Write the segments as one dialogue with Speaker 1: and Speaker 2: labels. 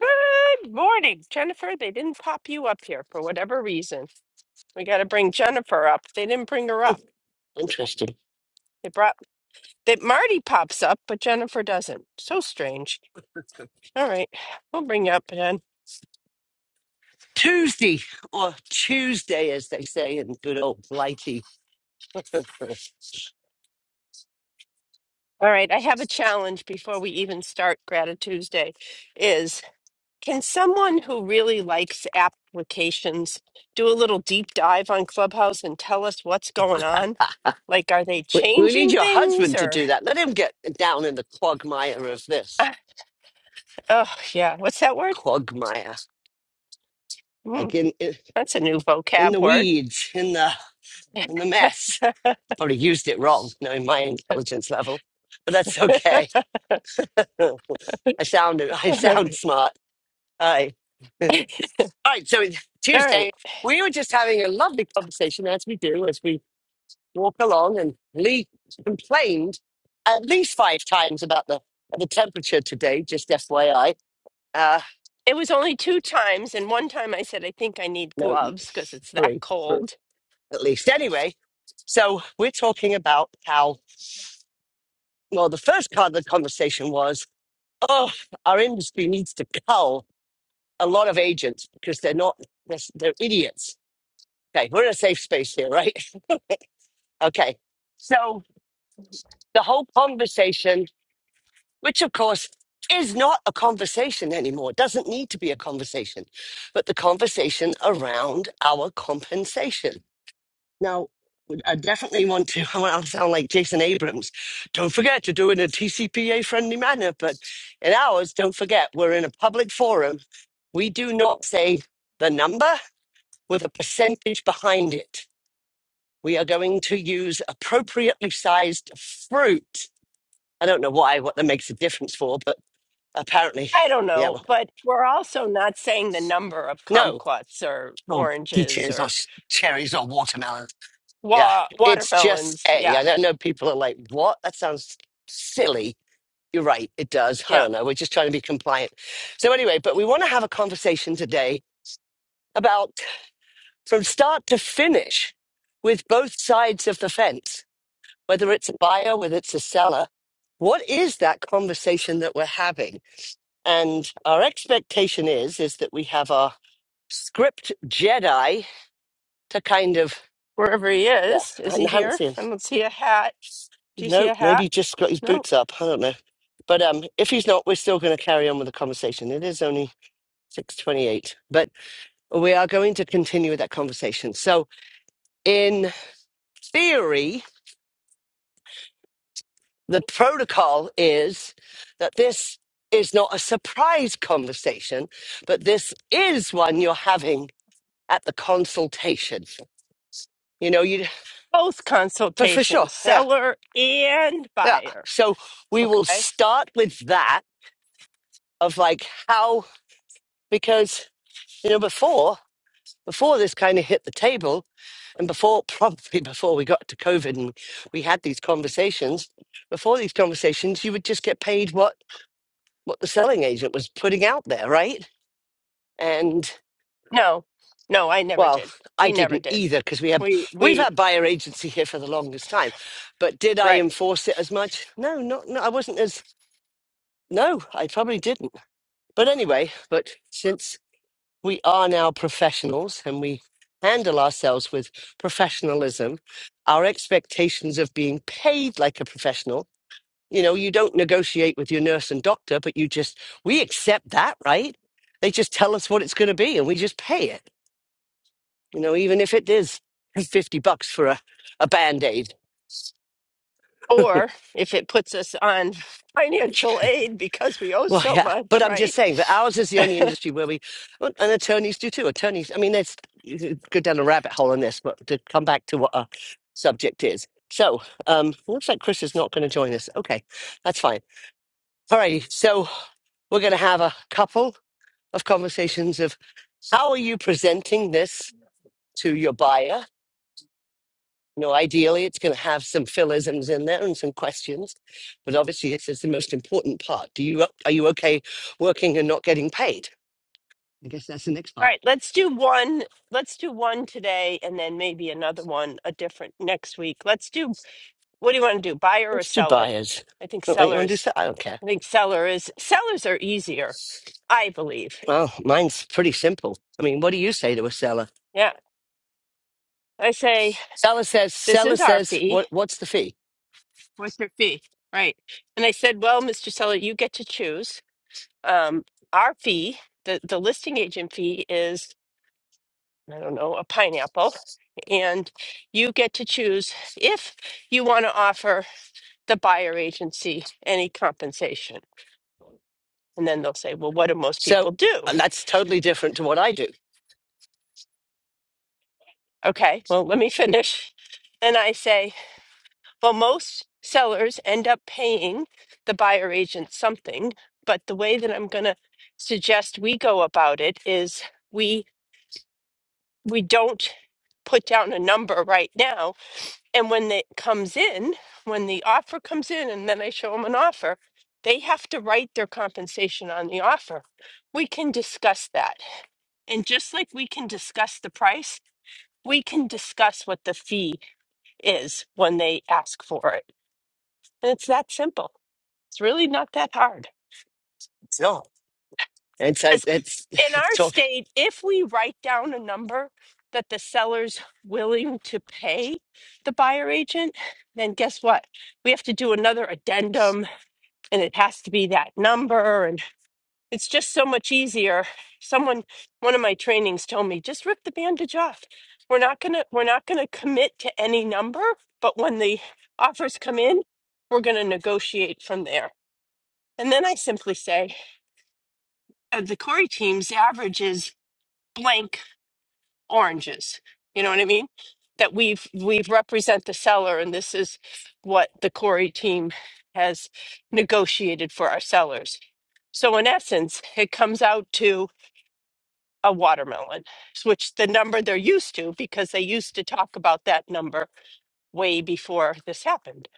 Speaker 1: Good morning, Jennifer. They didn't pop you up here for whatever reason. We got to bring Jennifer up. They didn't bring her
Speaker 2: Hmm,
Speaker 1: up.
Speaker 2: Interesting.
Speaker 1: They brought that Marty pops up, but Jennifer doesn't. So strange. All right, we'll bring you up Jen.
Speaker 2: Tuesday, or Tuesday, as they say in good old Blighty. we,
Speaker 1: All right, I have a challenge before we even start Gratitude Tuesday. Is can someone who really likes applications do a little deep dive on Clubhouse and tell us what's going on? Like, are they
Speaker 2: we need
Speaker 1: changing
Speaker 2: your
Speaker 1: things
Speaker 2: husband to
Speaker 1: or?
Speaker 2: do that. Let him get down in the quagmire of this
Speaker 1: Ah, Oh, yeah. What's that word?
Speaker 2: quagmire,
Speaker 1: Hmm.
Speaker 2: like in in,
Speaker 1: That's a new
Speaker 2: in the
Speaker 1: vocab word.
Speaker 2: weeds, in the in the mess. Probably used it wrong, knowing my intelligence level, but that's
Speaker 1: All
Speaker 2: okay. I sound I sound
Speaker 1: right.
Speaker 2: smart. All right, all right. So it's
Speaker 1: All right.
Speaker 2: Tuesday. We were just having a lovely conversation, as we do, as we walk along and Lee complained at least five times about the the temperature today, just FYI. Uh
Speaker 1: It was only two times, and one time I said, I think I need
Speaker 2: no,
Speaker 1: gloves because it's that
Speaker 2: three, three
Speaker 1: cold.
Speaker 2: at least. Anyway, so we're talking about how well the first part of the conversation was, oh, our industry needs to cull a lot of agents because they're not they're, they're idiots. Okay, we're in a safe space here, right? Okay. So the whole conversation which of course is not a conversation anymore. It doesn't need to be a conversation, but the conversation around our compensation. Now, I definitely want to, I want to sound like Jason Abrams. Don't forget to do it in a TCPA friendly manner, but in ours, don't forget, we're in a public forum. We do not say the number with a percentage behind it. We are going to use appropriately sized fruit. I don't know why, what that makes a difference for, but Apparently.
Speaker 1: I don't
Speaker 2: Yeah,
Speaker 1: know,
Speaker 2: well,
Speaker 1: but we're also not saying the number of
Speaker 2: no,
Speaker 1: kumquats or
Speaker 2: or
Speaker 1: oranges
Speaker 2: peaches or
Speaker 1: or
Speaker 2: sh- cherries or watermelon. Yeah,
Speaker 1: wa-
Speaker 2: it's just
Speaker 1: watermelons.
Speaker 2: A.
Speaker 1: Yeah,
Speaker 2: I don't know. People are like, what? That sounds silly. You're right. It does. I
Speaker 1: yeah.
Speaker 2: don't know. We're just trying to be compliant. So, anyway, but we want to have a conversation today about from start to finish with both sides of the fence, whether it's a buyer, whether it's a seller. What is that conversation that we're having? And our expectation is is that we have our script Jedi to kind of
Speaker 1: Wherever he
Speaker 2: yeah.
Speaker 1: is, is
Speaker 2: I
Speaker 1: he
Speaker 2: have
Speaker 1: here? I don't see a hat. Do you see
Speaker 2: Nope.
Speaker 1: a
Speaker 2: Maybe
Speaker 1: hat?
Speaker 2: he just got his
Speaker 1: No.
Speaker 2: boots up. I don't know. But um, if he's not, we're still going to carry on with the conversation. It is only six twenty-eight, but we are going to continue with that conversation. So, in theory, the protocol is that this is not a surprise conversation, but this is one you're having at the consultation. You know, you
Speaker 1: Both
Speaker 2: for for sure,
Speaker 1: consultations,
Speaker 2: yeah,
Speaker 1: seller and
Speaker 2: yeah.
Speaker 1: buyer.
Speaker 2: So we will
Speaker 1: Okay.
Speaker 2: start with that of like how because you know before before this kind of hit the table and before probably before we got to covid and we had these conversations before these conversations you would just get paid what what the selling agent was putting out there right and
Speaker 1: No, no, I never
Speaker 2: well
Speaker 1: did.
Speaker 2: i
Speaker 1: We never
Speaker 2: didn't
Speaker 1: did.
Speaker 2: either because we have
Speaker 1: We
Speaker 2: we've
Speaker 1: we
Speaker 2: had buyer agency here for the longest time but did i
Speaker 1: Right.
Speaker 2: enforce it as much no not no i wasn't as no i probably didn't but anyway but since we are now professionals and we handle ourselves with professionalism. Our expectations of being paid like a professional, you know, you don't negotiate with your nurse and doctor, but you just, we accept that, right? They just tell us what it's going to be and we just pay it, you know, even if it is 50 bucks for a, a band aid
Speaker 1: Or if it puts us on financial aid because we owe
Speaker 2: Well,
Speaker 1: so
Speaker 2: yeah, but
Speaker 1: much,
Speaker 2: I'm just
Speaker 1: right?
Speaker 2: saying that ours is the only industry where we, well, and attorneys do too. Attorneys, I mean, there's you could go down a rabbit hole on this, but to come back to what our subject is. So, um, looks like Chris is not going to join us. Okay, that's fine. All righty. So we're going to have a couple of conversations of how are you presenting this to your buyer? You know, ideally, it's going to have some philisms in there and some questions, but obviously, this is the most important part. Do you are you okay working and not getting paid? I guess that's the next
Speaker 1: All
Speaker 2: part.
Speaker 1: right, let's do one. Let's do one today and then maybe another one a different next week. Let's do what do you want to do? Buyer or
Speaker 2: Listed
Speaker 1: seller?
Speaker 2: buyers.
Speaker 1: I think
Speaker 2: Not like you want to do
Speaker 1: sellers.
Speaker 2: sell. I don't care.
Speaker 1: I think seller is sellers are easier, I believe.
Speaker 2: Well, mine's pretty simple. I mean, what do you say to a seller?
Speaker 1: Yeah. I say
Speaker 2: Seller says,
Speaker 1: this
Speaker 2: seller
Speaker 1: is our
Speaker 2: says,
Speaker 1: fee.
Speaker 2: what, what's the fee?
Speaker 1: What's your fee? Right. And I said, "Well, Mr. Seller, you get to choose. Um our fee, the the listing agent fee is I don't know, a pineapple, and you get to choose if you want to offer the buyer agency any compensation. And then they'll say, Well, what do most
Speaker 2: So
Speaker 1: people do?
Speaker 2: uh, that's totally different to what I do.
Speaker 1: Okay, well, let me finish. And I say, Well, most sellers end up paying the buyer agent something, but the way that I'm going to suggest we go about it is we we don't put down a number right now And when it comes in, when the offer comes in, and then I show them an offer, they have to write their compensation on the offer. We can discuss that. And just like we can discuss the price, we can discuss what the fee is when they ask for it. And it's that simple. It's really not that hard.
Speaker 2: It's not. It's, uh,
Speaker 1: 'Cause
Speaker 2: it's,
Speaker 1: in
Speaker 2: it's
Speaker 1: our
Speaker 2: talk.
Speaker 1: state, if we write down a number that the seller's willing to pay the buyer agent, then guess what? We have to do another addendum and it has to be that number and it's just so much easier someone one of my trainings told me just rip the bandage off we're not going to we're not going to commit to any number but when the offers come in we're going to negotiate from there and then i simply say uh, the corey team's average is blank oranges you know what i mean that we've we've represent the seller and this is what the corey team has negotiated for our sellers So in essence, it comes out to a watermelon, which the number they're used to because they used to talk about that number way before this happened,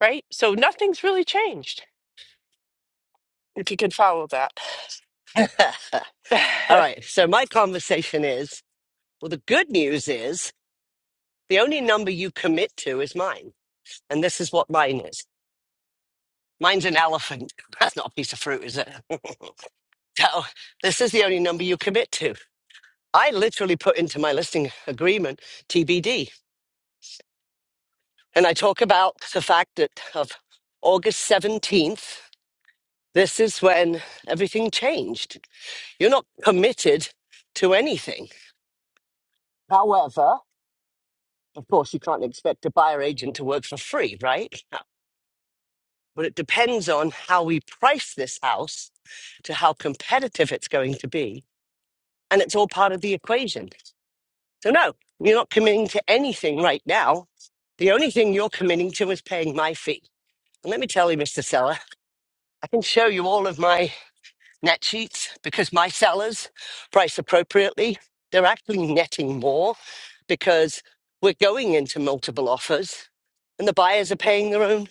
Speaker 1: right? So nothing's really changed, if you can follow that.
Speaker 2: All
Speaker 1: right,
Speaker 2: right. So my conversation is, well, the good news is the only number you commit to is mine. And this is what mine is. Mine's an elephant. That's not a piece of fruit, is it? So this is the only number you commit to. I literally put into my listing agreement TBD. And I talk about the fact that of August 17th, this is when everything changed. You're not committed to anything. However, of course, you can't expect a buyer agent to work for free, right? But it depends on how we price this house to how competitive it's going to be. And it's all part of the equation. So, no, you're not committing to anything right now. The only thing you're committing to is paying my fee. And let me tell you, Mr. Seller, I can show you all of my net sheets because my sellers price appropriately. They're actually netting more because we're going into multiple offers and the buyers are paying their own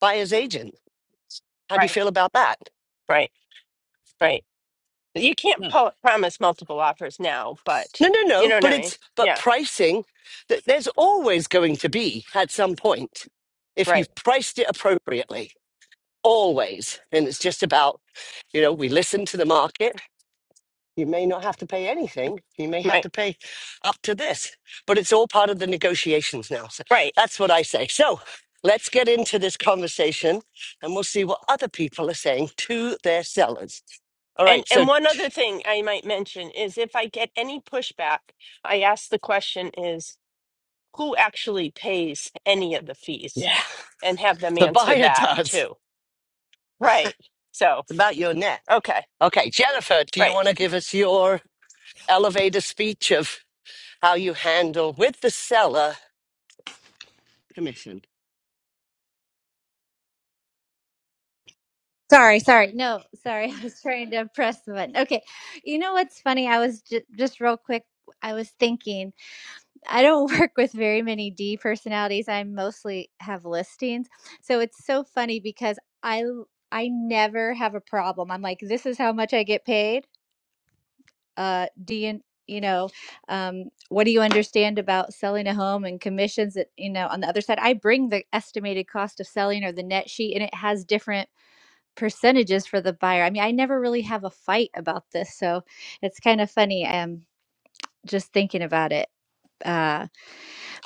Speaker 2: buyer's agent. How do you feel about that?
Speaker 1: right, right. You can't
Speaker 2: No.
Speaker 1: po- promise multiple offers now, but
Speaker 2: No, no,
Speaker 1: you
Speaker 2: no.
Speaker 1: know what
Speaker 2: But
Speaker 1: I mean?
Speaker 2: it's but
Speaker 1: Yeah,
Speaker 2: pricing that there's always going to be at some point if
Speaker 1: right,
Speaker 2: you've priced it appropriately. Always. And it's just about, you know, we listen to the market You may not have to pay anything. You may have
Speaker 1: right,
Speaker 2: to pay up to this, but it's all part of the negotiations now. So
Speaker 1: right.
Speaker 2: that's what I say. So let's get into this conversation and we'll see what other people are saying to their sellers. All
Speaker 1: And
Speaker 2: right. So,
Speaker 1: and one other thing I might mention is if I get any pushback, I ask the question is who actually pays any of the fees
Speaker 2: yeah,
Speaker 1: and have them
Speaker 2: the
Speaker 1: answer
Speaker 2: buyer
Speaker 1: that
Speaker 2: does.
Speaker 1: too right so
Speaker 2: It's about your net.
Speaker 1: okay
Speaker 2: Okay. Jennifer, do you
Speaker 1: right
Speaker 2: want to give us your elevator speech of how you handle with the seller commission?
Speaker 3: Sorry, sorry. No, sorry. I was trying to press the button. Okay. You know what's funny? I was just, just real quick, I was thinking, I don't work with very many D personalities. I mostly have listings. So it's so funny because I l- I never have a problem. I'm like, this is how much I get paid. Uh, do you you know, um, what do you understand about selling a home and commissions that, you know, on the other side, I bring the estimated cost of selling or the net sheet and it has different percentages for the buyer. I mean, I never really have a fight about this, so it's kind of funny. I'm just thinking about it. Uh,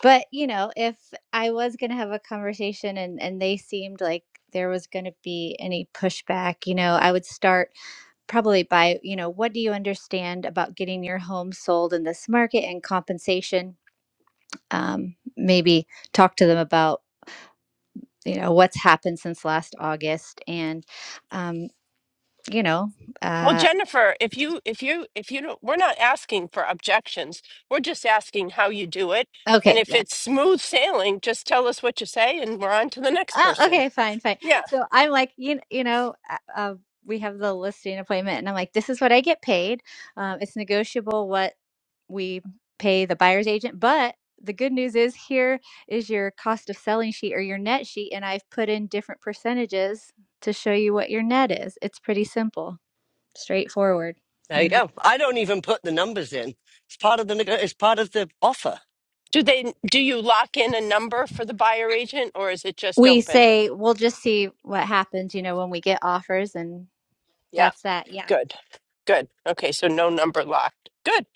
Speaker 3: but you know, if I was gonna have a conversation and and they seemed like there was gonna be any pushback, you know, I would start probably by you know, what do you understand about getting your home sold in this market and compensation? Um, maybe talk to them about you know what's happened since last August and um, you know
Speaker 1: well
Speaker 3: uh,
Speaker 1: jennifer if you if you if you don't we're not asking for objections we're just asking how you do it and
Speaker 3: Okay,
Speaker 1: if
Speaker 3: yeah,
Speaker 1: it's smooth sailing just tell us what you say and we're on to the next
Speaker 3: Oh,
Speaker 1: person
Speaker 3: okay, fine, fine.
Speaker 1: yeah
Speaker 3: So I'm like, you, you know, uh, uh, we have the listing appointment, and I'm like, this is what I get paid. Um, it's negotiable what we pay the buyer's agent, but the good news is here is your cost of selling sheet or your net sheet, and I've put in different percentages to show you what your net is. It's pretty simple, straightforward.
Speaker 2: There you
Speaker 3: Mhm.
Speaker 2: go. I don't even put the numbers in. It's part of the neg- it's part of the offer.
Speaker 1: do they do you lock in a number for the buyer agent or is it just
Speaker 3: We
Speaker 1: open
Speaker 3: say we'll just see what happens, you know, when we get offers, and
Speaker 1: yeah
Speaker 3: that's that. Yeah.
Speaker 1: good Good. Okay, so no number locked. Good.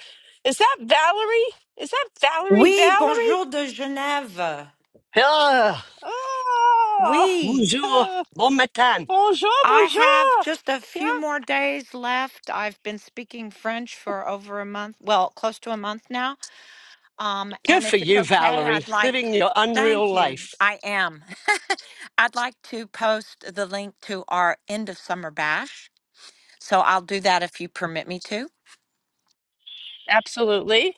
Speaker 1: Is that Valerie? Is that Valerie?
Speaker 4: Oui,
Speaker 1: Valerie?
Speaker 4: bonjour de Genève.
Speaker 2: Ah,
Speaker 1: Oh,
Speaker 4: Oui,
Speaker 2: bonjour,
Speaker 1: uh,
Speaker 2: bon matin.
Speaker 1: bonjour,
Speaker 4: I have
Speaker 1: bonjour.
Speaker 4: just a few
Speaker 1: Yeah,
Speaker 4: more days left. I've been speaking French for over a month, well, close to a month now. Um,
Speaker 2: Good
Speaker 4: and
Speaker 2: for
Speaker 4: if it's
Speaker 2: you,
Speaker 4: okay,
Speaker 2: Valerie,
Speaker 4: I'd like,
Speaker 2: living your
Speaker 4: thank
Speaker 2: unreal
Speaker 4: you.
Speaker 2: life.
Speaker 4: I am. I'd like to post the link to our end of summer bash. So I'll do that if you permit me to.
Speaker 1: absolutely.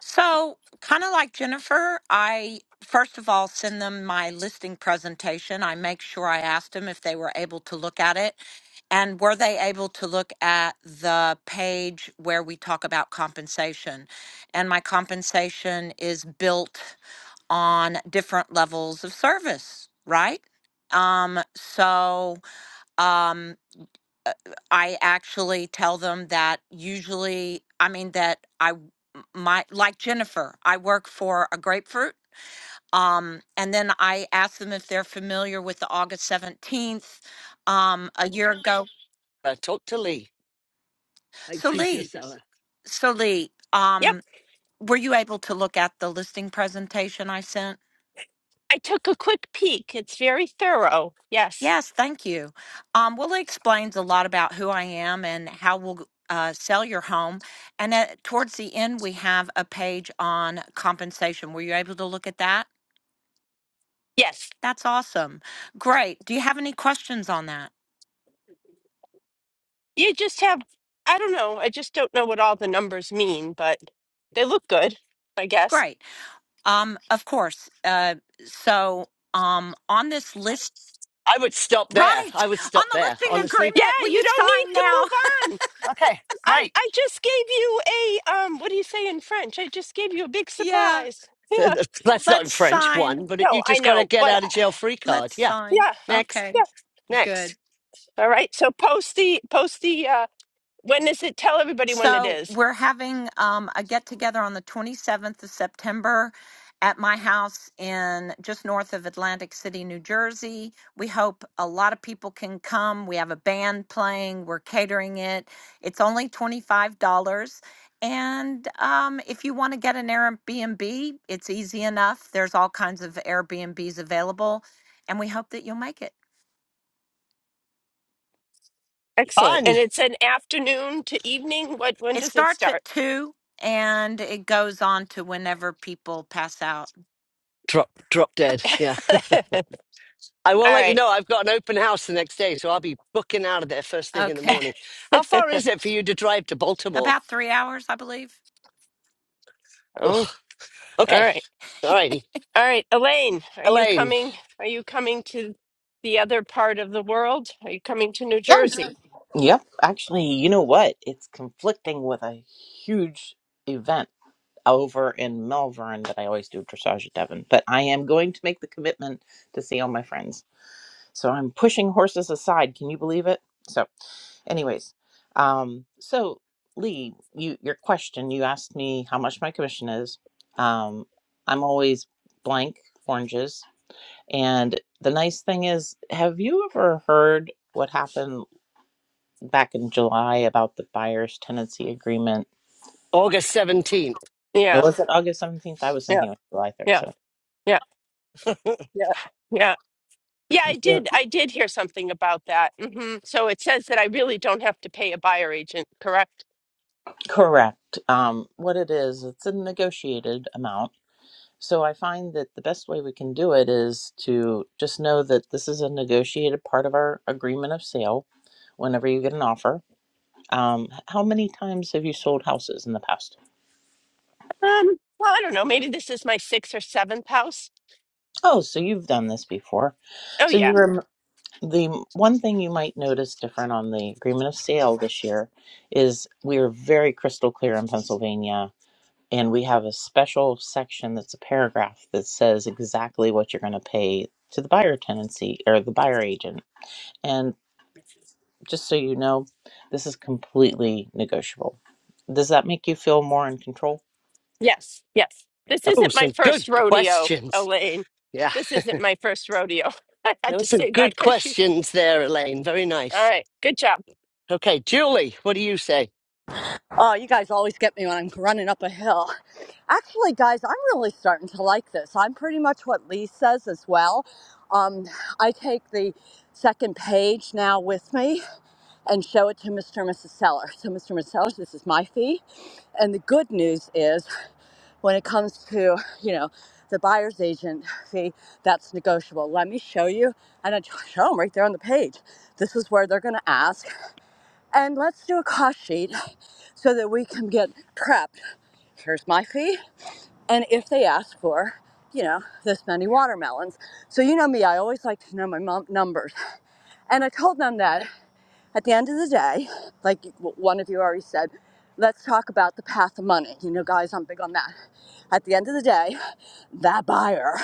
Speaker 4: So, kind of like Jennifer, I first of all send them my listing presentation. I make sure I asked them if they were able to look at it. And were they able to look at the page where we talk about compensation? And my compensation is built on different levels of service, right? Um, so, um, uh, I actually tell them that usually, I mean, that I, w- m- my, like Jennifer, I work for a grapefruit. Um, and then I ask them if they're familiar with the August 17th, um, a year ago.
Speaker 2: Uh, talk to Lee like
Speaker 4: So
Speaker 2: she's your
Speaker 4: Lee,
Speaker 2: seller.
Speaker 4: so Lee,
Speaker 1: Yep.
Speaker 4: um, were you able to look at the listing presentation I sent?
Speaker 1: I took a quick peek. It's very thorough. Yes.
Speaker 4: Yes, thank you. Um, well, it explains a lot about who I am and how we'll uh, sell your home. And at, towards the end, we have a page on compensation. Were you able to look at that?
Speaker 1: Yes.
Speaker 4: That's awesome. Great. Do you have any questions on that?
Speaker 1: You just have, I don't know. I just don't know what all the numbers mean, but they look good, I guess.
Speaker 4: Great. Um, of course. Uh, so um, on this list,
Speaker 2: I would stop there.
Speaker 4: right,
Speaker 2: I would
Speaker 4: on
Speaker 2: stop
Speaker 4: the
Speaker 2: there,
Speaker 4: listing
Speaker 2: honestly.
Speaker 1: Yeah,
Speaker 4: agreement, will you
Speaker 1: you don't need
Speaker 4: sign
Speaker 1: to
Speaker 4: now?
Speaker 1: move on.
Speaker 2: Okay,
Speaker 1: I,
Speaker 2: great.
Speaker 1: I just gave you a, um, what do you say in French? I just gave you a big
Speaker 4: Yeah,
Speaker 1: surprise. Yeah.
Speaker 2: Uh, uh, That's not in
Speaker 4: let's
Speaker 2: French, one,
Speaker 4: sign.
Speaker 2: but it, you
Speaker 1: No, I
Speaker 2: just got to
Speaker 1: know,
Speaker 2: get
Speaker 1: but uh,
Speaker 2: out of jail free card.
Speaker 4: Let's
Speaker 2: Yeah,
Speaker 4: sign.
Speaker 1: yeah,
Speaker 2: next,
Speaker 4: Okay,
Speaker 1: yeah.
Speaker 4: good.
Speaker 2: next.
Speaker 1: All right. So post the post the uh when is it? Tell everybody when it
Speaker 4: So
Speaker 1: is.
Speaker 4: we're having um, a get together on the 27th of September at my house in just north of Atlantic City, New Jersey. We hope a lot of people can come. We have a band playing, we're catering it. It's only $25. And um, if you want to get an Airbnb, it's easy enough. There's all kinds of Airbnbs available, and we hope that you'll make it.
Speaker 1: Excellent. And
Speaker 2: Fun.
Speaker 1: it's an afternoon to evening. What when
Speaker 4: It
Speaker 1: does it
Speaker 4: starts
Speaker 1: start?
Speaker 4: at 2 and it goes on to whenever people pass out.
Speaker 2: Drop, drop dead. Yeah.
Speaker 1: All
Speaker 2: I will let you
Speaker 1: right.
Speaker 2: know I've got an open house the next day, so I'll be booking out of there first thing in the
Speaker 4: Okay.
Speaker 2: morning. How far is it for you to drive to Baltimore?
Speaker 4: About three hours, I believe.
Speaker 1: Oh,
Speaker 2: Ugh.
Speaker 1: all
Speaker 2: Okay,
Speaker 1: right.
Speaker 2: all righty.
Speaker 1: All right, Elaine, are you
Speaker 2: Elaine.
Speaker 1: coming? Are you coming to the other part of the world? Are you coming to New
Speaker 5: Yeah.
Speaker 1: Jersey?
Speaker 5: Yep. Actually, you know what? It's conflicting with a huge event over in Melbourne that I always do dressage at Devon. But I am going to make the commitment to see all my friends. So I'm pushing horses aside. Can you believe it? So, anyways, um, so Lee, you your question. You asked me how much my commission is. Um, I'm always blank oranges. And the nice thing is, have you ever heard what happened? back in July about the buyer's tenancy agreement.
Speaker 2: August 17th.
Speaker 5: What
Speaker 1: Yeah.
Speaker 5: was it August 17th? I was
Speaker 1: Yeah.
Speaker 5: thinking it was July 3rd.
Speaker 1: Yeah.
Speaker 5: So
Speaker 1: Yeah. Yeah. Yeah. Yeah, I
Speaker 5: Sure.
Speaker 1: did. I did hear something about that. hmm So it says that I really don't have to pay a buyer agent, correct?
Speaker 5: correct. Um, what it is, it's a negotiated amount. So I find that the best way we can do it is to just know that this is a negotiated part of our agreement of sale whenever you get an offer. Um, how many times have you sold houses in the past?
Speaker 1: Um, well, I don't know. Maybe this is my sixth or seventh house.
Speaker 5: Oh, so you've done this before.
Speaker 1: Oh,
Speaker 5: So
Speaker 1: yeah.
Speaker 5: you rem- the one thing you might notice different on the agreement of sale this year is we are very crystal clear in Pennsylvania, and we have a special section that's a paragraph that says exactly what you're going to pay to the buyer tenancy or the buyer agent. And just so you know, this is completely negotiable. Does that make you feel more in control?
Speaker 1: Yes. Yes. This
Speaker 2: Oh,
Speaker 1: isn't my
Speaker 2: some good
Speaker 1: first rodeo,
Speaker 2: questions.
Speaker 1: Elaine.
Speaker 2: Yeah,
Speaker 1: This isn't my first rodeo. I
Speaker 2: there
Speaker 1: had
Speaker 2: were
Speaker 1: to
Speaker 2: some
Speaker 1: say that
Speaker 2: good
Speaker 1: because she.
Speaker 2: questions there, Elaine. Very
Speaker 1: All
Speaker 2: nice.
Speaker 1: right. Good job.
Speaker 2: Okay, Julie, what do you say?
Speaker 6: Oh, you guys always get me when I'm running up a hill. Actually, guys, I'm really starting to like this. I'm pretty much what Lee says as well. Um, I take the second page now with me and show it to Mr. and Mrs. Seller. So, Mr. and Mrs. Sellers, this is my fee. And the good news is when it comes to you know the buyer's agent fee that's negotiable let me show you and i show them right there on the page this is where they're going to ask and let's do a cost sheet so that we can get prepped. Here's my fee. And if they ask for, you know, this many watermelons. So you know me, I always like to know my mom numbers. And I told them that at the end of the day, like one of you already said, let's talk about the path of money. You know, guys, I'm big on that. At the end of the day, that buyer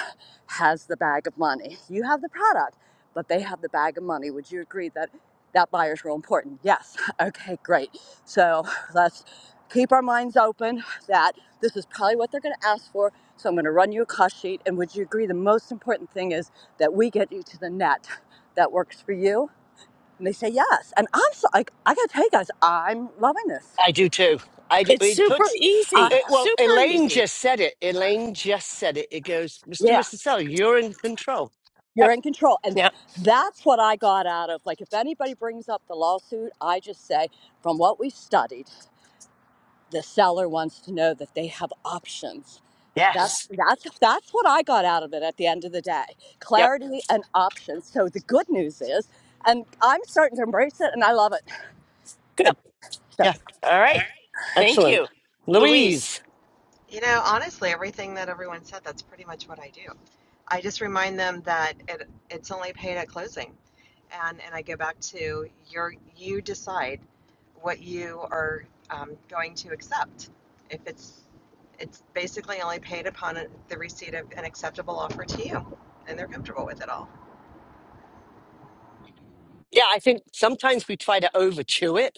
Speaker 6: has the bag of money. You have the product, but they have the bag of money. Would you agree that that buyer is real important? Yes. Okay, great. So let's keep our minds open that this is probably what they're going to ask for. So I'm going to run you a cost sheet. And would you agree the most important thing is that we get you to the net that works for you? And they say yes. And I'm so like, I gotta tell you guys, I'm loving this.
Speaker 2: I do too. I do.
Speaker 1: It's
Speaker 2: It
Speaker 1: super
Speaker 2: puts,
Speaker 6: I,
Speaker 1: easy.
Speaker 2: it, well,
Speaker 1: Super
Speaker 2: Elaine
Speaker 1: easy.
Speaker 2: just said it. Elaine just said it. It goes, Mr. and
Speaker 6: yeah,
Speaker 2: Mrs. Seller, you're in control.
Speaker 6: you're
Speaker 1: Yep.
Speaker 6: in control. And
Speaker 1: Yep.
Speaker 6: that's what I got out of like if anybody brings up the lawsuit, I just say, from what we studied, the seller wants to know that they have options. That's
Speaker 2: Yes.
Speaker 6: that's that's what I got out of it at the end of the day.
Speaker 1: Yep.
Speaker 6: Clarity and options. So the good news is and I'm starting to embrace it and I love it.
Speaker 1: Good.
Speaker 2: Yep.
Speaker 6: So.
Speaker 2: Yeah.
Speaker 1: All right. Thank
Speaker 2: Excellent.
Speaker 1: you, Louise.
Speaker 2: Louise.
Speaker 7: You know, honestly, everything that everyone said, that's pretty much what I do. I just remind them that it, it's only paid at closing. And, and I go back to your, you decide what you are um, going to accept. If it's, it's basically only paid upon a, the receipt of an acceptable offer to you, and they're comfortable with it all.
Speaker 2: Yeah, I think sometimes we try to over chew it.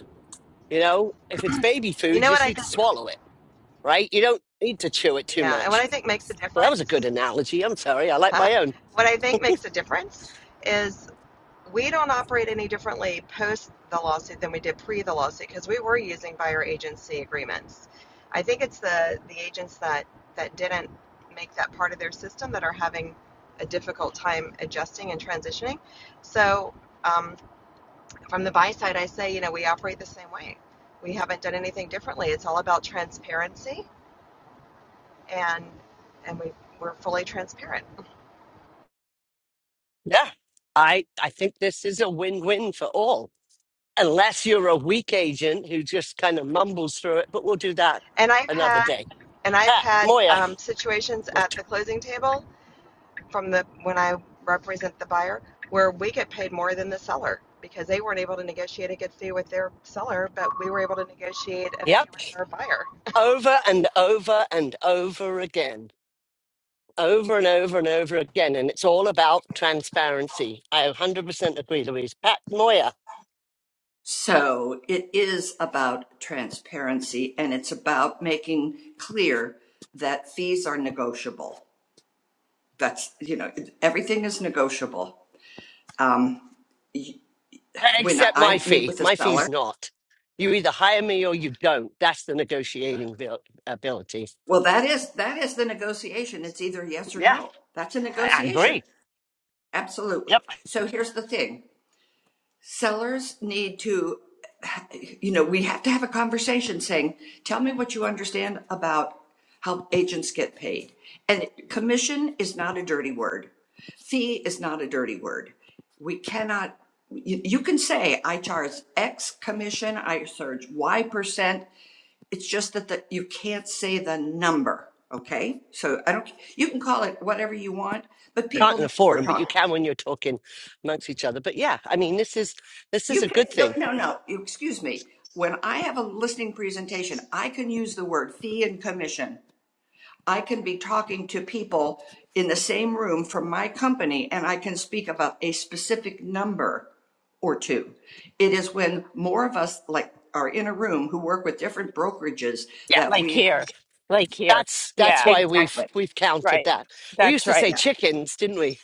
Speaker 2: You know, if it's baby
Speaker 7: You
Speaker 2: food,
Speaker 7: know
Speaker 2: you
Speaker 7: what
Speaker 2: just
Speaker 7: I
Speaker 2: need to
Speaker 7: think?
Speaker 2: swallow it, right? You don't need to chew it too
Speaker 7: Yeah, and
Speaker 2: much.
Speaker 7: what I think makes a
Speaker 2: Well, that was a good
Speaker 7: difference,
Speaker 2: analogy. I'm sorry. I like
Speaker 7: huh?
Speaker 2: my own.
Speaker 7: What I think makes a difference is we don't operate any differently post the lawsuit than we did pre the lawsuit because we were using buyer agency agreements. I think it's the the agents that that didn't make that part of their system that are having a difficult time adjusting and transitioning. So um, from the buy side, I say you know we operate the same way. We haven't done anything differently. It's all about transparency and and we we're fully transparent.
Speaker 2: Yeah. I, I think this is a win win for all, unless you're a weak agent who just kind of mumbles through it. But we'll do that
Speaker 7: And I've
Speaker 2: another
Speaker 7: had
Speaker 2: day.
Speaker 7: and I've
Speaker 2: Pat
Speaker 7: had
Speaker 2: Moya.
Speaker 7: um, situations at the closing table from the when I represent the buyer, where we get paid more than the seller because they weren't able to negotiate a good fee with their seller, but we were able to negotiate a fee
Speaker 2: Yep.
Speaker 7: with our buyer.
Speaker 2: Over and over and over again. Over and over and over again. And it's all about transparency. I 100% agree, Louise. Pat Moya.
Speaker 8: So it is about transparency and it's about making clear that fees are negotiable. That's, you know, everything is negotiable. Um, y- when
Speaker 2: Except my
Speaker 8: I meet
Speaker 2: fee.
Speaker 8: with a
Speaker 2: My fee's
Speaker 8: seller,
Speaker 2: not. You either hire me or you don't. That's the negotiating abil- ability.
Speaker 8: well, that is, that is the negotiation. It's either yes or
Speaker 2: Yeah.
Speaker 8: no. That's a
Speaker 2: I I agree.
Speaker 8: negotiation. Absolutely.
Speaker 2: Yep.
Speaker 8: So here's the thing. sellers need to you know we have to have a conversation saying tell me what you understand about how agents get paid and commission is not a dirty word fee is not a dirty word we cannot you, you can say i charge x commission i charge y percent it's just that the, you can't say the number okay so i don't you can call it whatever you want but
Speaker 2: Not
Speaker 8: people
Speaker 2: in
Speaker 8: know
Speaker 2: a
Speaker 8: what we're
Speaker 2: forum, but you
Speaker 8: talking
Speaker 2: can when you're talking amongst each other. But yeah, I mean, this is this is a
Speaker 8: You can,
Speaker 2: good
Speaker 8: no,
Speaker 2: thing.
Speaker 8: no, no, you- excuse me. When I have a listening presentation, I can use the word fee and commission. I can be talking to people in the same room from my company and I can speak about a specific number or two. It is when more of us like are in a room who work with different brokerages
Speaker 2: Yeah,
Speaker 8: that
Speaker 1: Like
Speaker 8: we.
Speaker 1: here. Like here.
Speaker 2: that's that's
Speaker 1: Yeah.
Speaker 2: why we've
Speaker 8: Exactly.
Speaker 2: we've counted
Speaker 1: Right.
Speaker 2: that. We
Speaker 1: That's
Speaker 2: used to say
Speaker 1: right.
Speaker 8: Yeah.
Speaker 2: chickens, didn't we?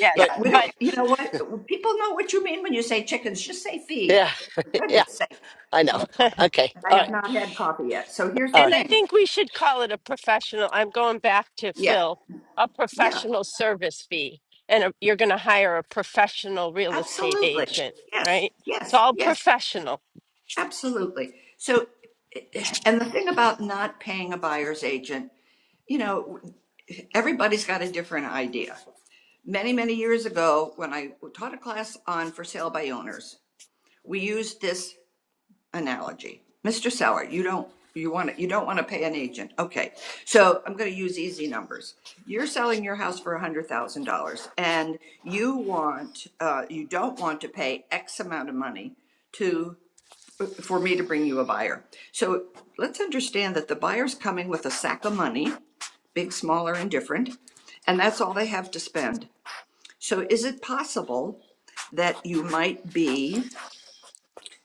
Speaker 2: but
Speaker 8: Yeah. We don't, you know what? People know what you mean when you say chickens. Just say fee.
Speaker 2: yeah,
Speaker 8: For
Speaker 2: yeah,
Speaker 8: goodness sake.
Speaker 2: I know.
Speaker 8: I'm sorry.
Speaker 1: But
Speaker 2: Okay,
Speaker 8: I
Speaker 2: all
Speaker 8: have
Speaker 2: right,
Speaker 8: not had coffee yet. So here's
Speaker 2: all
Speaker 8: the
Speaker 1: And
Speaker 2: right.
Speaker 1: I
Speaker 8: thing.
Speaker 1: think we should call it a professional. I'm going back to
Speaker 8: Yeah,
Speaker 1: Phil, a
Speaker 8: yeah,
Speaker 1: professional service fee. And a, you're going to hire a professional real estate
Speaker 8: absolutely.
Speaker 1: agent,
Speaker 8: Yes,
Speaker 1: right? It's
Speaker 8: yes,
Speaker 1: all
Speaker 8: yes,
Speaker 1: professional.
Speaker 8: absolutely. So, and the thing about not paying a buyer's agent, you know, everybody's got a different idea. Many, many years ago, when I taught a class on for sale by owners, we used this. analogy. Mr. Seller, you don't, you want to, you don't want to pay an agent. Okay. So I'm going to use easy numbers. You're selling your house for a hundred thousand dollars and you want, uh, you don't want to pay X amount of money to, for me to bring you a buyer. So let's understand that the buyer's coming with a sack of money, big, small, or indifferent, and that's all they have to spend. So is it possible that you might be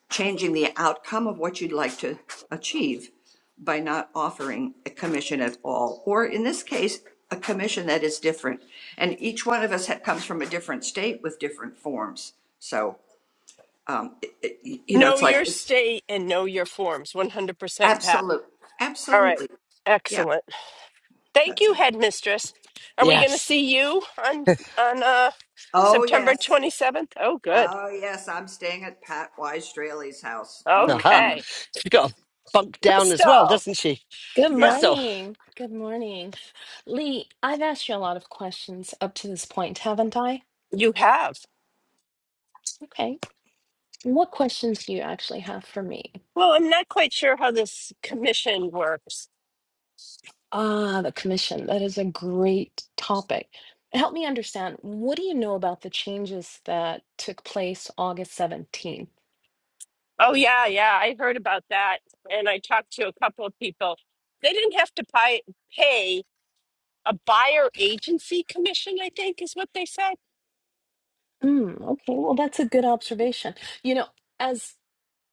Speaker 8: changing the outcome of what you'd like to achieve by not offering a commission at all, or in this case, a commission that is different. And each one of us ha- comes from a different state with different forms. So, um, it- it- you know,
Speaker 1: Know
Speaker 8: it's like,
Speaker 1: your state and know your forms. 100% Pat.
Speaker 8: absolute,
Speaker 1: All right.
Speaker 8: absolutely. Yeah,
Speaker 1: Excellent. Thank
Speaker 8: that's
Speaker 1: you,
Speaker 8: it.
Speaker 1: headmistress. Are we going to
Speaker 2: Yes,
Speaker 1: see you on on uh,
Speaker 8: Oh,
Speaker 1: September
Speaker 8: yes.
Speaker 1: 27th? Oh, good.
Speaker 8: Oh, yes. I'm staying at Pat Wise Straley's house.
Speaker 2: aha.
Speaker 8: Mm,
Speaker 1: Okay.
Speaker 2: She's got a bunk down as well,
Speaker 1: Crystal,
Speaker 2: doesn't she,
Speaker 9: Good
Speaker 2: Crystal?
Speaker 9: morning. Good morning. Lee, I've asked you a lot of questions up to this point, haven't I?
Speaker 1: you have.
Speaker 9: Okay. What questions do you actually have for me?
Speaker 1: Well, I'm not quite sure how this commission works.
Speaker 9: Ah, the commission. That is a great topic. Help me understand, what do you know about the changes that took place August 17th?
Speaker 1: Oh yeah, yeah. I heard about that, and I talked to a couple of people. They didn't have to pay pay a buyer agency commission. I think is what they said.
Speaker 9: Hmm, okay, well, that's a good observation. You know, as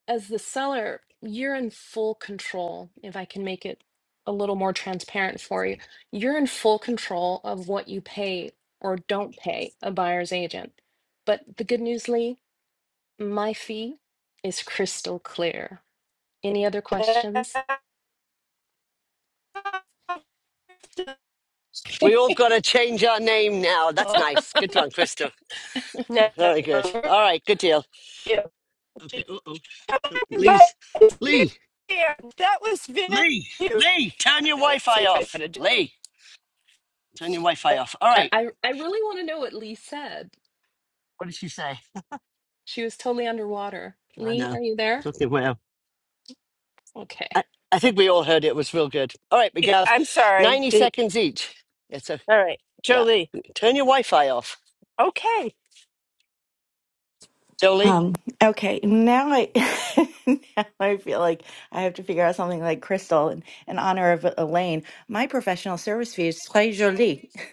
Speaker 9: as the seller, you're in full control. If I can make it a little more transparent for you, you're in full control of what you pay or don't pay a buyer's agent. But the good news, Lee, my fee is crystal clear. Any other questions?
Speaker 2: We all got to change our name now. That's
Speaker 1: No,
Speaker 2: nice. Good one, Crystal.
Speaker 1: you-
Speaker 2: Very good. All right, good deal. Okay. Uh oh. Lee's Lee.
Speaker 1: yeah. that was very.
Speaker 2: Lee,
Speaker 1: Let's
Speaker 2: Lee, turn your
Speaker 1: see
Speaker 2: Wi-Fi
Speaker 1: if I
Speaker 2: off.
Speaker 1: gotta do
Speaker 2: Lee, turn your Wi-Fi
Speaker 1: that.
Speaker 2: off. All
Speaker 9: I,
Speaker 2: right.
Speaker 9: I, I really want to know what Lee said.
Speaker 2: What did she say?
Speaker 9: She was totally underwater.
Speaker 2: I
Speaker 9: Lee,
Speaker 2: know.
Speaker 9: are you there?
Speaker 2: Something well.
Speaker 9: Okay.
Speaker 2: I, I think we all heard it. It was real good. All right, we have
Speaker 1: I'm sorry.
Speaker 2: 90
Speaker 1: Did,
Speaker 2: seconds each. It's a
Speaker 1: all right,
Speaker 2: yeah.
Speaker 1: Jolie.
Speaker 2: Turn your Wi-Fi off.
Speaker 1: Okay,
Speaker 2: Jolie.
Speaker 10: Um, okay, now I now I feel like I have to figure out something like Crystal in, in honor of Elaine. My professional service fee is très jolie.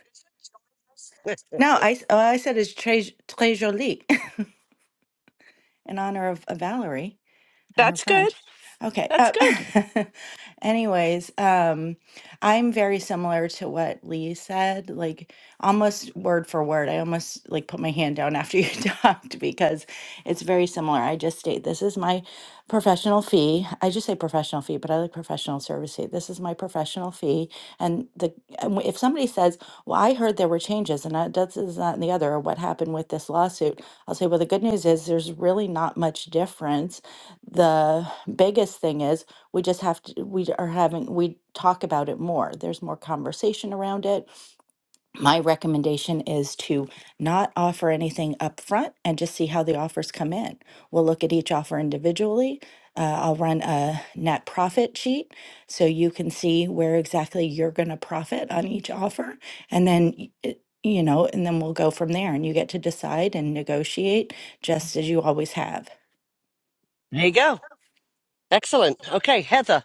Speaker 10: No, I s- oh, I said it's très très jolie in honor of, of Valerie. and her
Speaker 1: that's good.
Speaker 10: French. Okay.
Speaker 1: That's
Speaker 10: Uh,
Speaker 1: good.
Speaker 10: anyways, um, I'm very similar to what Lee said, like almost word for word. I almost like put my hand down after you talked because it's very similar. I just state this is my professional fee. I just say professional fee, but I like professional service fee. This is my professional fee. And the and if somebody says, "Well, I heard there were changes, and that does this, that, and the other, or what happened with this lawsuit," I'll say, "Well, the good news is there's really not much difference." the biggest thing is we just have to we are having we talk about it more there's more conversation around it my recommendation is to not offer anything up front and just see how the offers come in we'll look at each offer individually uh, i'll run a net profit sheet so you can see where exactly you're going to profit on each offer and then y- it- you know and then we'll go from there and you get to decide and negotiate just as you always have
Speaker 2: There you go. Excellent. Okay, Heather.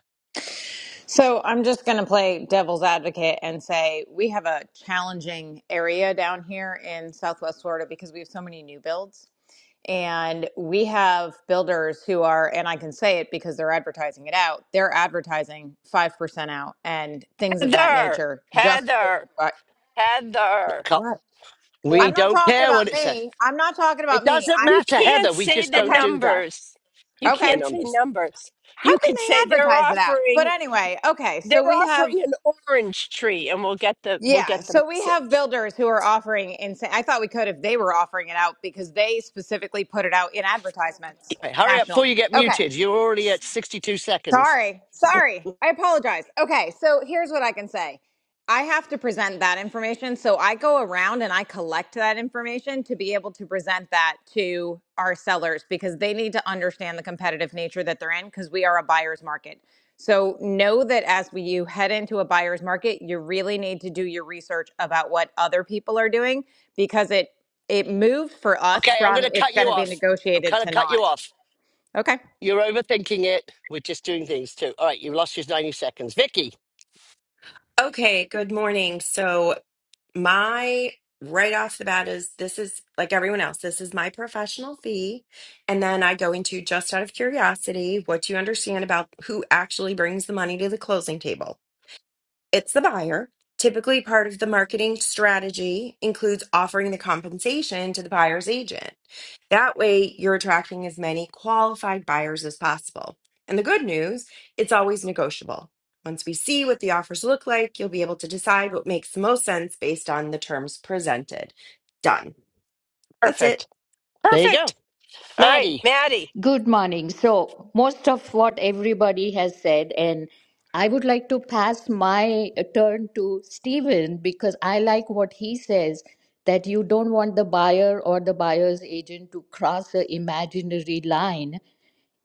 Speaker 11: So I'm just going to play devil's advocate and say we have a challenging area down here in Southwest Florida because we have so many new builds. And we have builders who are, and I can say it because they're advertising it out, they're advertising 5% out and things of that
Speaker 1: Heather,
Speaker 11: nature just for the
Speaker 1: Heather,
Speaker 11: but
Speaker 1: Heather.
Speaker 2: Co-
Speaker 11: what?
Speaker 1: There,
Speaker 2: We
Speaker 11: I'm not
Speaker 2: don't
Speaker 11: talking
Speaker 2: care
Speaker 11: about
Speaker 2: what it says.
Speaker 11: me. I'm not talking
Speaker 2: It
Speaker 11: about me.
Speaker 2: doesn't
Speaker 11: I'm
Speaker 1: you
Speaker 2: matter, Heather.
Speaker 1: can't
Speaker 2: We
Speaker 1: say
Speaker 2: just
Speaker 1: the
Speaker 2: don't
Speaker 11: okay.
Speaker 2: do that.
Speaker 1: numbers. You
Speaker 2: No
Speaker 11: Okay.
Speaker 1: can't say
Speaker 2: numbers.
Speaker 1: numbers.
Speaker 11: How
Speaker 1: You
Speaker 11: can
Speaker 1: could
Speaker 11: they
Speaker 1: say they're
Speaker 11: advertise it out? But
Speaker 1: offering
Speaker 11: anyway, okay.
Speaker 1: they're
Speaker 11: So we have
Speaker 1: offering an orange tree, and we'll get the we'll
Speaker 11: Yeah,
Speaker 1: get the
Speaker 11: so we have
Speaker 1: message.
Speaker 11: builders who are offering insane. I thought we could if they were offering it out because they specifically put it out in advertisements
Speaker 2: Hey, hurry up before
Speaker 11: nationally.
Speaker 2: you get
Speaker 11: Okay.
Speaker 2: muted. You're already at 62 seconds.
Speaker 11: Sorry. Sorry. I apologize. Okay. So here's what I can say I have to present that information. So I go around and I collect that information to be able to present that to our sellers because they need to understand the competitive nature that they're in because we are a buyer's market. So know that as we, you head into a buyer's market, you really need to do your research about what other people are doing because it it moved for
Speaker 2: Okay,
Speaker 11: us
Speaker 2: I'm going
Speaker 11: from
Speaker 2: to
Speaker 11: it's
Speaker 2: cut
Speaker 11: going
Speaker 2: you
Speaker 11: to be
Speaker 2: off. I'm
Speaker 11: negotiated
Speaker 2: going to
Speaker 11: to
Speaker 2: cut
Speaker 11: not.
Speaker 2: you off.
Speaker 11: Okay.
Speaker 2: You're overthinking it. We're just doing things too. All right, you lost your 90 seconds. Vicky,
Speaker 12: Okay, good morning. So, my right off the bat is this is like everyone else, this is my professional fee. And then I go into just out of curiosity, what do you understand about who actually brings the money to the closing table? it's the buyer. Typically, part of the marketing strategy includes offering the compensation to the buyer's agent. That way, you're attracting as many qualified buyers as possible. And the good news, it's always negotiable. Once we see what the offers look like, you'll be able to decide what makes the most sense based on the terms presented. Done. That's it.
Speaker 1: Perfect.
Speaker 2: there you go.
Speaker 1: Perfect. All right,
Speaker 2: Maddie.
Speaker 1: Maddie.
Speaker 13: Good morning. So, most of what everybody has said, and I would like to pass my turn to Stephen because I like what he says that you don't want the buyer or the buyer's agent to cross an imaginary line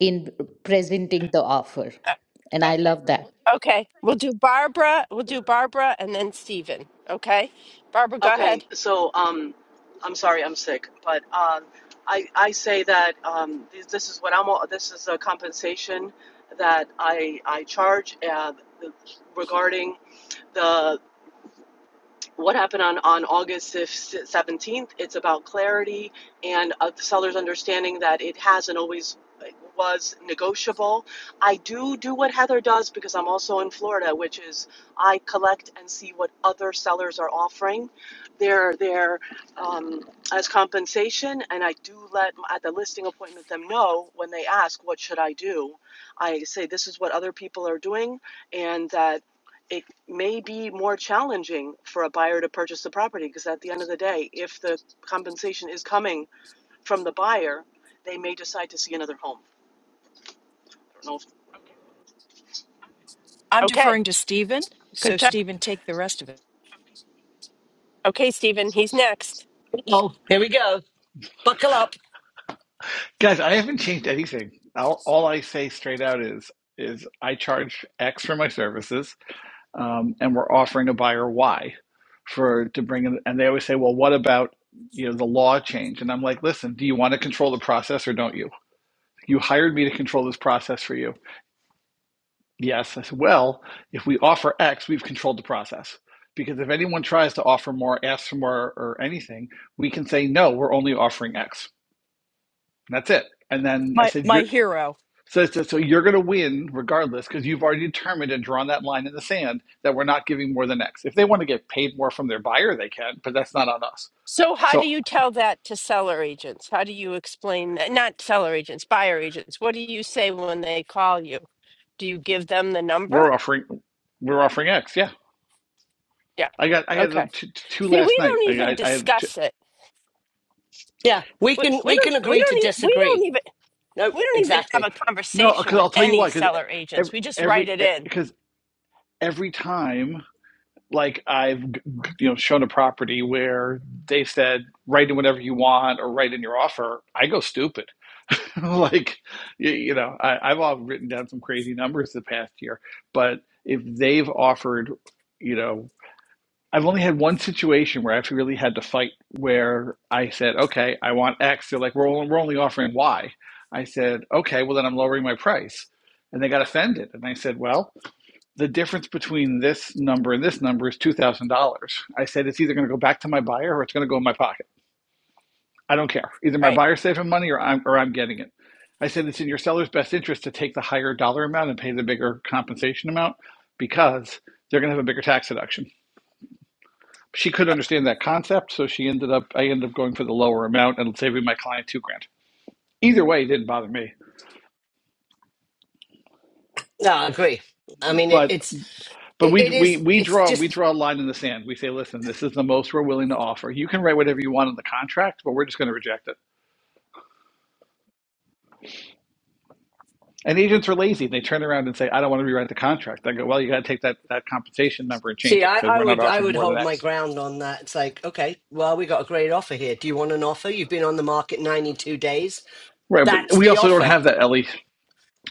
Speaker 13: in presenting the offer.
Speaker 1: Uh,
Speaker 13: And I love that.
Speaker 1: Okay, we'll do Barbara. We'll do Barbara, and then Stephen. Okay, Barbara, go ahead.
Speaker 14: Okay, so um, I'm sorry, I'm sick, but um, I I say that um, this, this is what I'm. This is a compensation that I I charge uh, regarding the what happened on, on August 17th. It's about clarity and uh, the seller's understanding that it hasn't always like, was negotiable. I do do what Heather does because I'm also in Florida, which is I collect and see what other sellers are offering their their um, as compensation, and I do let at the listing appointment them know when they ask what should I do. I say this is what other people are doing, and that it may be more challenging for a buyer to purchase the property because at the end of the day, if the compensation is coming from the buyer, they may decide to see another home. I don't know if
Speaker 15: I'm
Speaker 1: Okay,
Speaker 15: deferring to Stephen. So
Speaker 1: good job.
Speaker 15: Stephen, take the rest of it.
Speaker 1: Okay, Stephen, he's next.
Speaker 2: Oh, here we go. Buckle up.
Speaker 16: Guys, I haven't changed anything. All, all I say straight out is is I charge X for my services, um, and we're offering a buyer Y for to bring in. And they always say, "Well, what about you know the law change?" And I'm like, "Listen, do you want to control the process or don't you? You hired me to control this process for you." Yes, I said. Well, if we offer X, we've controlled the process because if anyone tries to offer more, ask for more, or anything, we can say no. We're only offering X. And that's it. And then I
Speaker 15: My
Speaker 16: said,
Speaker 15: my
Speaker 16: "You're."
Speaker 15: hero.
Speaker 16: So, so, so you're going to win regardless because you've already determined and drawn that line in the sand that we're not giving more than X. If they want to get paid more from their buyer, they can, but that's not on us.
Speaker 1: So, how do
Speaker 16: So
Speaker 1: you tell that to seller agents? How do you explain that? Not seller agents, buyer agents. What do you say when they call you? Do you give them the number?
Speaker 16: we're offering we're offering X. Yeah,
Speaker 1: Yeah.
Speaker 16: I got I had
Speaker 1: Okay.
Speaker 16: two, two
Speaker 1: See,
Speaker 16: last
Speaker 1: we
Speaker 16: night.
Speaker 1: don't
Speaker 16: I I,
Speaker 1: even
Speaker 16: I had two.
Speaker 1: discuss it.
Speaker 2: Yeah, we
Speaker 1: We,
Speaker 2: can
Speaker 1: we
Speaker 2: we
Speaker 1: don't.
Speaker 2: can
Speaker 1: We
Speaker 2: agree to
Speaker 1: don't. e- We don't
Speaker 2: disagree.
Speaker 1: even.
Speaker 2: Nope,
Speaker 1: We don't even have
Speaker 2: exactly.
Speaker 1: a
Speaker 16: no
Speaker 1: conversation
Speaker 16: because
Speaker 1: with
Speaker 16: I'll tell you
Speaker 1: any
Speaker 16: why because
Speaker 1: seller agents.
Speaker 16: every
Speaker 1: We just write
Speaker 16: every
Speaker 1: it in.
Speaker 16: because every time. like I've you know shown a property where they said write in whatever you want or write in your offer, I go stupid. like you, you know, I, I've all written down some crazy numbers the past year, but if they've offered, you know, I've only had one situation where I've really had to fight where I said, okay, I want X. They're like, we're only, we're only offering Y. I said, okay, well then I'm lowering my price, and they got offended, and I said, well the difference between this number and this number is $2,000. I said, it's either going to go back to my buyer or it's going to go in my pocket. I don't care. Either my
Speaker 1: Right.
Speaker 16: buyer's saving money or I'm, or I'm getting it. I said, it's in your seller's best interest to take the higher dollar amount and pay the bigger compensation amount because they're going to have a bigger tax deduction. She couldn't understand that concept, so she ended up, I ended up going for the lower amount and saving my client two grand. Either way, it didn't bother me.
Speaker 2: No, I agree. I mean it,
Speaker 16: But
Speaker 2: it's
Speaker 16: But
Speaker 2: it,
Speaker 16: we
Speaker 2: it
Speaker 16: we
Speaker 2: is
Speaker 16: we
Speaker 2: it's
Speaker 16: draw we
Speaker 2: just
Speaker 16: draw a line in the sand. We say, listen, this is the most we're willing to offer. You can write whatever you want in the contract, but we're just going to reject it. And agents are lazy. They turn around and say, I don't want to rewrite the contract. I go, well, you got to take that that compensation number and
Speaker 2: see,
Speaker 16: change it
Speaker 2: I,
Speaker 16: because
Speaker 2: I
Speaker 16: we're not
Speaker 2: would I
Speaker 16: offering
Speaker 2: would
Speaker 16: more than
Speaker 2: hold my
Speaker 16: X.
Speaker 2: ground on that. It's like, okay, well, we got a great offer here. Do you want an offer? You've been on the market 92 days.
Speaker 16: Right, but
Speaker 2: That's
Speaker 16: we
Speaker 2: the
Speaker 16: also don't
Speaker 2: offer.
Speaker 16: have that, Ellie.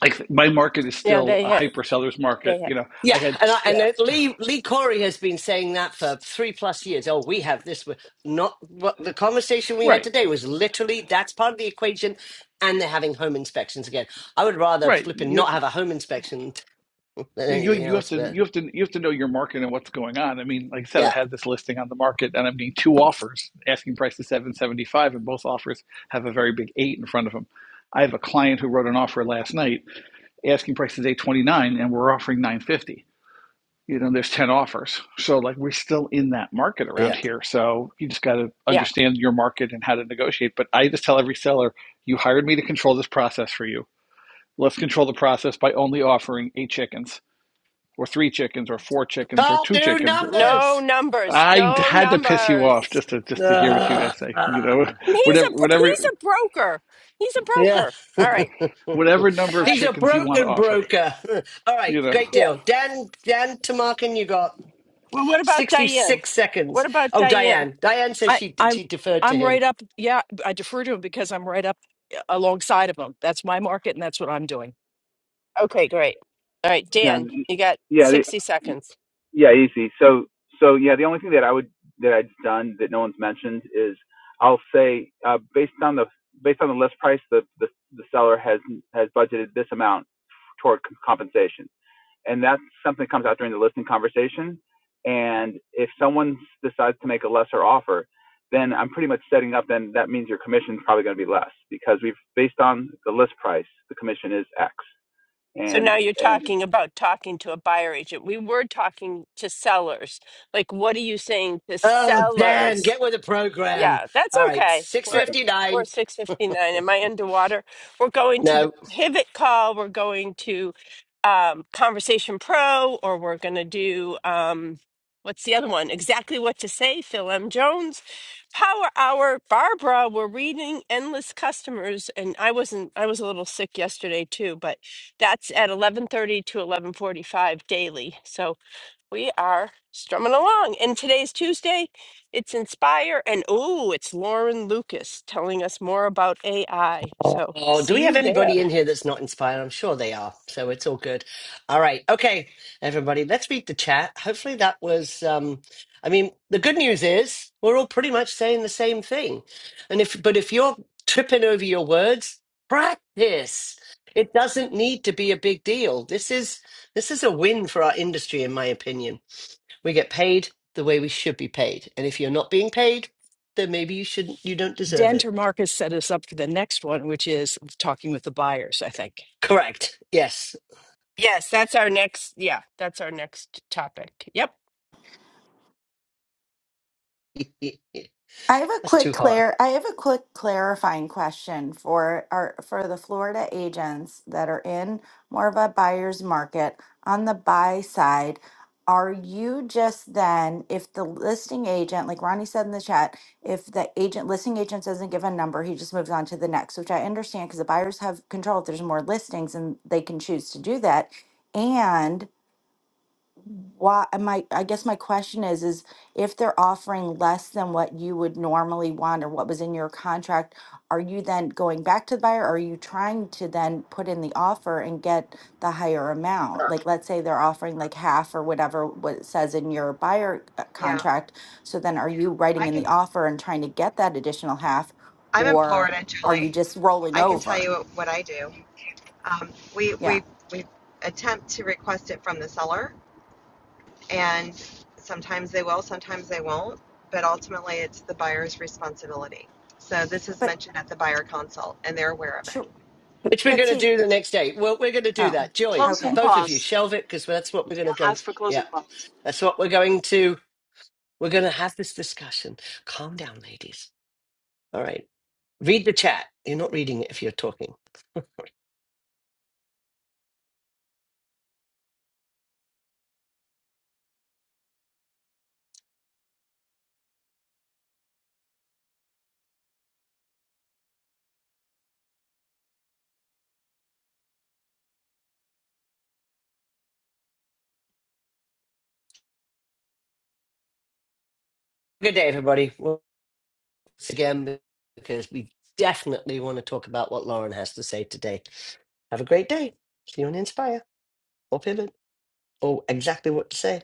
Speaker 16: Like my market is
Speaker 1: Yeah.
Speaker 16: still
Speaker 1: They
Speaker 16: a
Speaker 1: hit.
Speaker 16: hyper seller's market.
Speaker 1: They hit.
Speaker 16: You know, I
Speaker 2: Yeah,
Speaker 16: had
Speaker 2: and I, and
Speaker 1: Yeah.
Speaker 2: uh, Lee Lee Corey has been saying that for three plus years. Oh, we have this. we- Not what the conversation we had
Speaker 16: right,
Speaker 2: today was literally that's part of the equation, and they're having home inspections again. I would rather
Speaker 16: right.
Speaker 2: flipping
Speaker 16: You.
Speaker 2: not have a home inspection than
Speaker 16: You
Speaker 2: anything
Speaker 16: you have
Speaker 2: else.
Speaker 16: to
Speaker 2: But
Speaker 16: you have to you have to know your market and what's going on. I mean, like I said, I
Speaker 2: yeah,
Speaker 16: had this listing on the market and I'm getting two offers. Asking price is seven seventy five, and both offers have a very big eight in front of them. I have a client who wrote an offer last night. Asking price is eight twenty nine, and we're offering nine fifty. You know, there's ten offers, so like we're still in that market
Speaker 2: yeah,
Speaker 16: around here. So you just got to
Speaker 1: Yeah.
Speaker 16: understand your market and how to negotiate. But I just tell every seller, you hired me to control this process for you. Let's control the process by only offering eight chickens or three chickens or four chickens or
Speaker 2: can't
Speaker 16: two
Speaker 2: do
Speaker 16: chickens.
Speaker 1: No
Speaker 2: numbers.
Speaker 1: numbers.
Speaker 16: I
Speaker 1: No
Speaker 16: had to piss you off
Speaker 1: numbers.
Speaker 16: just to just to hear what you
Speaker 2: Ugh.
Speaker 16: guys say. You know,
Speaker 1: And he's
Speaker 16: whatever
Speaker 1: a. bro- He's
Speaker 16: whatever
Speaker 1: a broker. He's a
Speaker 2: Yeah,
Speaker 1: broker. All right.
Speaker 16: whatever number of
Speaker 1: Uh,
Speaker 2: he's a
Speaker 16: chickens you want to
Speaker 2: broken
Speaker 16: offer.
Speaker 2: broker. All right,
Speaker 16: You know.
Speaker 2: great
Speaker 1: yeah.
Speaker 2: deal, Dan. Dan Tamarkin, you got.
Speaker 1: Well, what about Diane?
Speaker 2: 66 seconds.
Speaker 1: What about
Speaker 2: Oh,
Speaker 1: Diane?
Speaker 2: Diane. Diane says
Speaker 15: I
Speaker 2: she
Speaker 15: I'm
Speaker 2: she deferred to
Speaker 15: I'm
Speaker 2: him.
Speaker 15: right up. Yeah, I defer to him because I'm right up uh, alongside of him. That's my market, and that's what I'm doing.
Speaker 1: Okay. Great. All right,
Speaker 17: Yeah,
Speaker 1: Dan. You got
Speaker 17: yeah,
Speaker 1: sixty
Speaker 17: the,
Speaker 1: seconds.
Speaker 17: yeah, easy. So, so yeah, the only thing that I would that I've done that no one's mentioned is I'll say uh, based on the based on the list price, the, the the seller has has budgeted this amount toward c- compensation, and that's something that comes out during the listing conversation. And if someone decides to make a lesser offer, then I'm pretty much setting up. Then that means your commission's probably going to be less because we've based on the list price, the commission is X,
Speaker 1: So
Speaker 17: and
Speaker 1: now you're
Speaker 17: and
Speaker 1: talking about talking to a buyer agent. We were talking to sellers. Like, what are you saying to
Speaker 2: Oh, Dan,
Speaker 1: sellers?
Speaker 2: get with the program.
Speaker 1: Yeah, that's
Speaker 2: All right,
Speaker 1: okay. We're we're
Speaker 2: 659.
Speaker 1: six fifty nine. Am I underwater? We're going to
Speaker 2: No.
Speaker 1: the pivot call. We're going to um, Conversation Pro, or we're going to do um, what's the other one? Exactly what to say. Phil M. Jones, Power Hour, Barbara. We're reading Endless Customers, and I wasn't. I was a little sick yesterday too, but that's at eleven thirty to eleven forty five daily. So we are strumming along. And today's Tuesday. It's Inspire. And oh, it's Lauren Lucas telling us more about AI. So
Speaker 2: Oh, do
Speaker 1: see
Speaker 2: we have
Speaker 1: you there.
Speaker 2: anybody in here that's not inspired? I'm sure they are. So it's all good. All right. Okay, everybody, let's read the chat. Hopefully that was um I mean, the good news is we're all pretty much saying the same thing. And if but if you're tripping over your words, practice. It doesn't need to be a big deal. This is this is a win for our industry in my opinion. We get paid the way we should be paid. And if you're not being paid, then maybe you shouldn't you don't deserve it.
Speaker 15: Denter Marcus set us up for the next one, which is talking with the buyers. I think.
Speaker 2: Correct. Yes.
Speaker 1: Yes, that's our next. Yeah, that's our next topic. Yep.
Speaker 2: that's
Speaker 10: I have a quick
Speaker 2: too hot.
Speaker 10: clear I have a quick clarifying question for our for the Florida agents that are in more of a buyer's market on the buy side. Are you just then, if the listing agent, like Ronnie said in the chat, if the agent listing agent doesn't give a number, he just moves on to the next, which I understand because the buyers have control if there's more listings and they can choose to do that why uh, my I guess my question is is if they're offering less than what you would normally want or what was in your contract, are you then going back to the buyer or are you trying to then put in the offer and get the higher amount? Like let's say they're offering like half or whatever what it says in your buyer uh,
Speaker 7: Yeah,
Speaker 10: contract. So then are you writing
Speaker 7: I
Speaker 10: in the
Speaker 7: can.
Speaker 10: offer and trying to get that additional half
Speaker 7: I'm in
Speaker 10: or
Speaker 7: Florida,
Speaker 10: are you
Speaker 7: Julie.
Speaker 10: just rolling
Speaker 7: I can tell
Speaker 10: over?
Speaker 7: you what I do. Um, we
Speaker 10: Yeah.
Speaker 7: we we attempt to request it from the seller, and sometimes they will, sometimes they won't. But ultimately, it's the buyer's responsibility. So this is
Speaker 10: But
Speaker 7: mentioned at the buyer consult, and they're aware of it.
Speaker 10: sure
Speaker 2: Which we're
Speaker 10: but
Speaker 2: going to
Speaker 10: see
Speaker 2: do the next day. Well, we're going to do
Speaker 10: oh
Speaker 2: that. Joy,
Speaker 10: okay.
Speaker 14: closing
Speaker 2: both of you,
Speaker 14: costs.
Speaker 2: shelve it because that's what we're going
Speaker 14: Yeah,
Speaker 2: to go.
Speaker 14: as
Speaker 2: f-
Speaker 14: for
Speaker 2: Yeah,
Speaker 14: closing costs.
Speaker 2: that's what we're going to. We're going to have this discussion. Calm down, ladies. All right. Read the chat. You're not reading it if you're talking. Good day, everybody. Once again, because we definitely want to talk about what Lauren has to say today. Have a great day. See you on Inspire or Pivot or exactly what to say.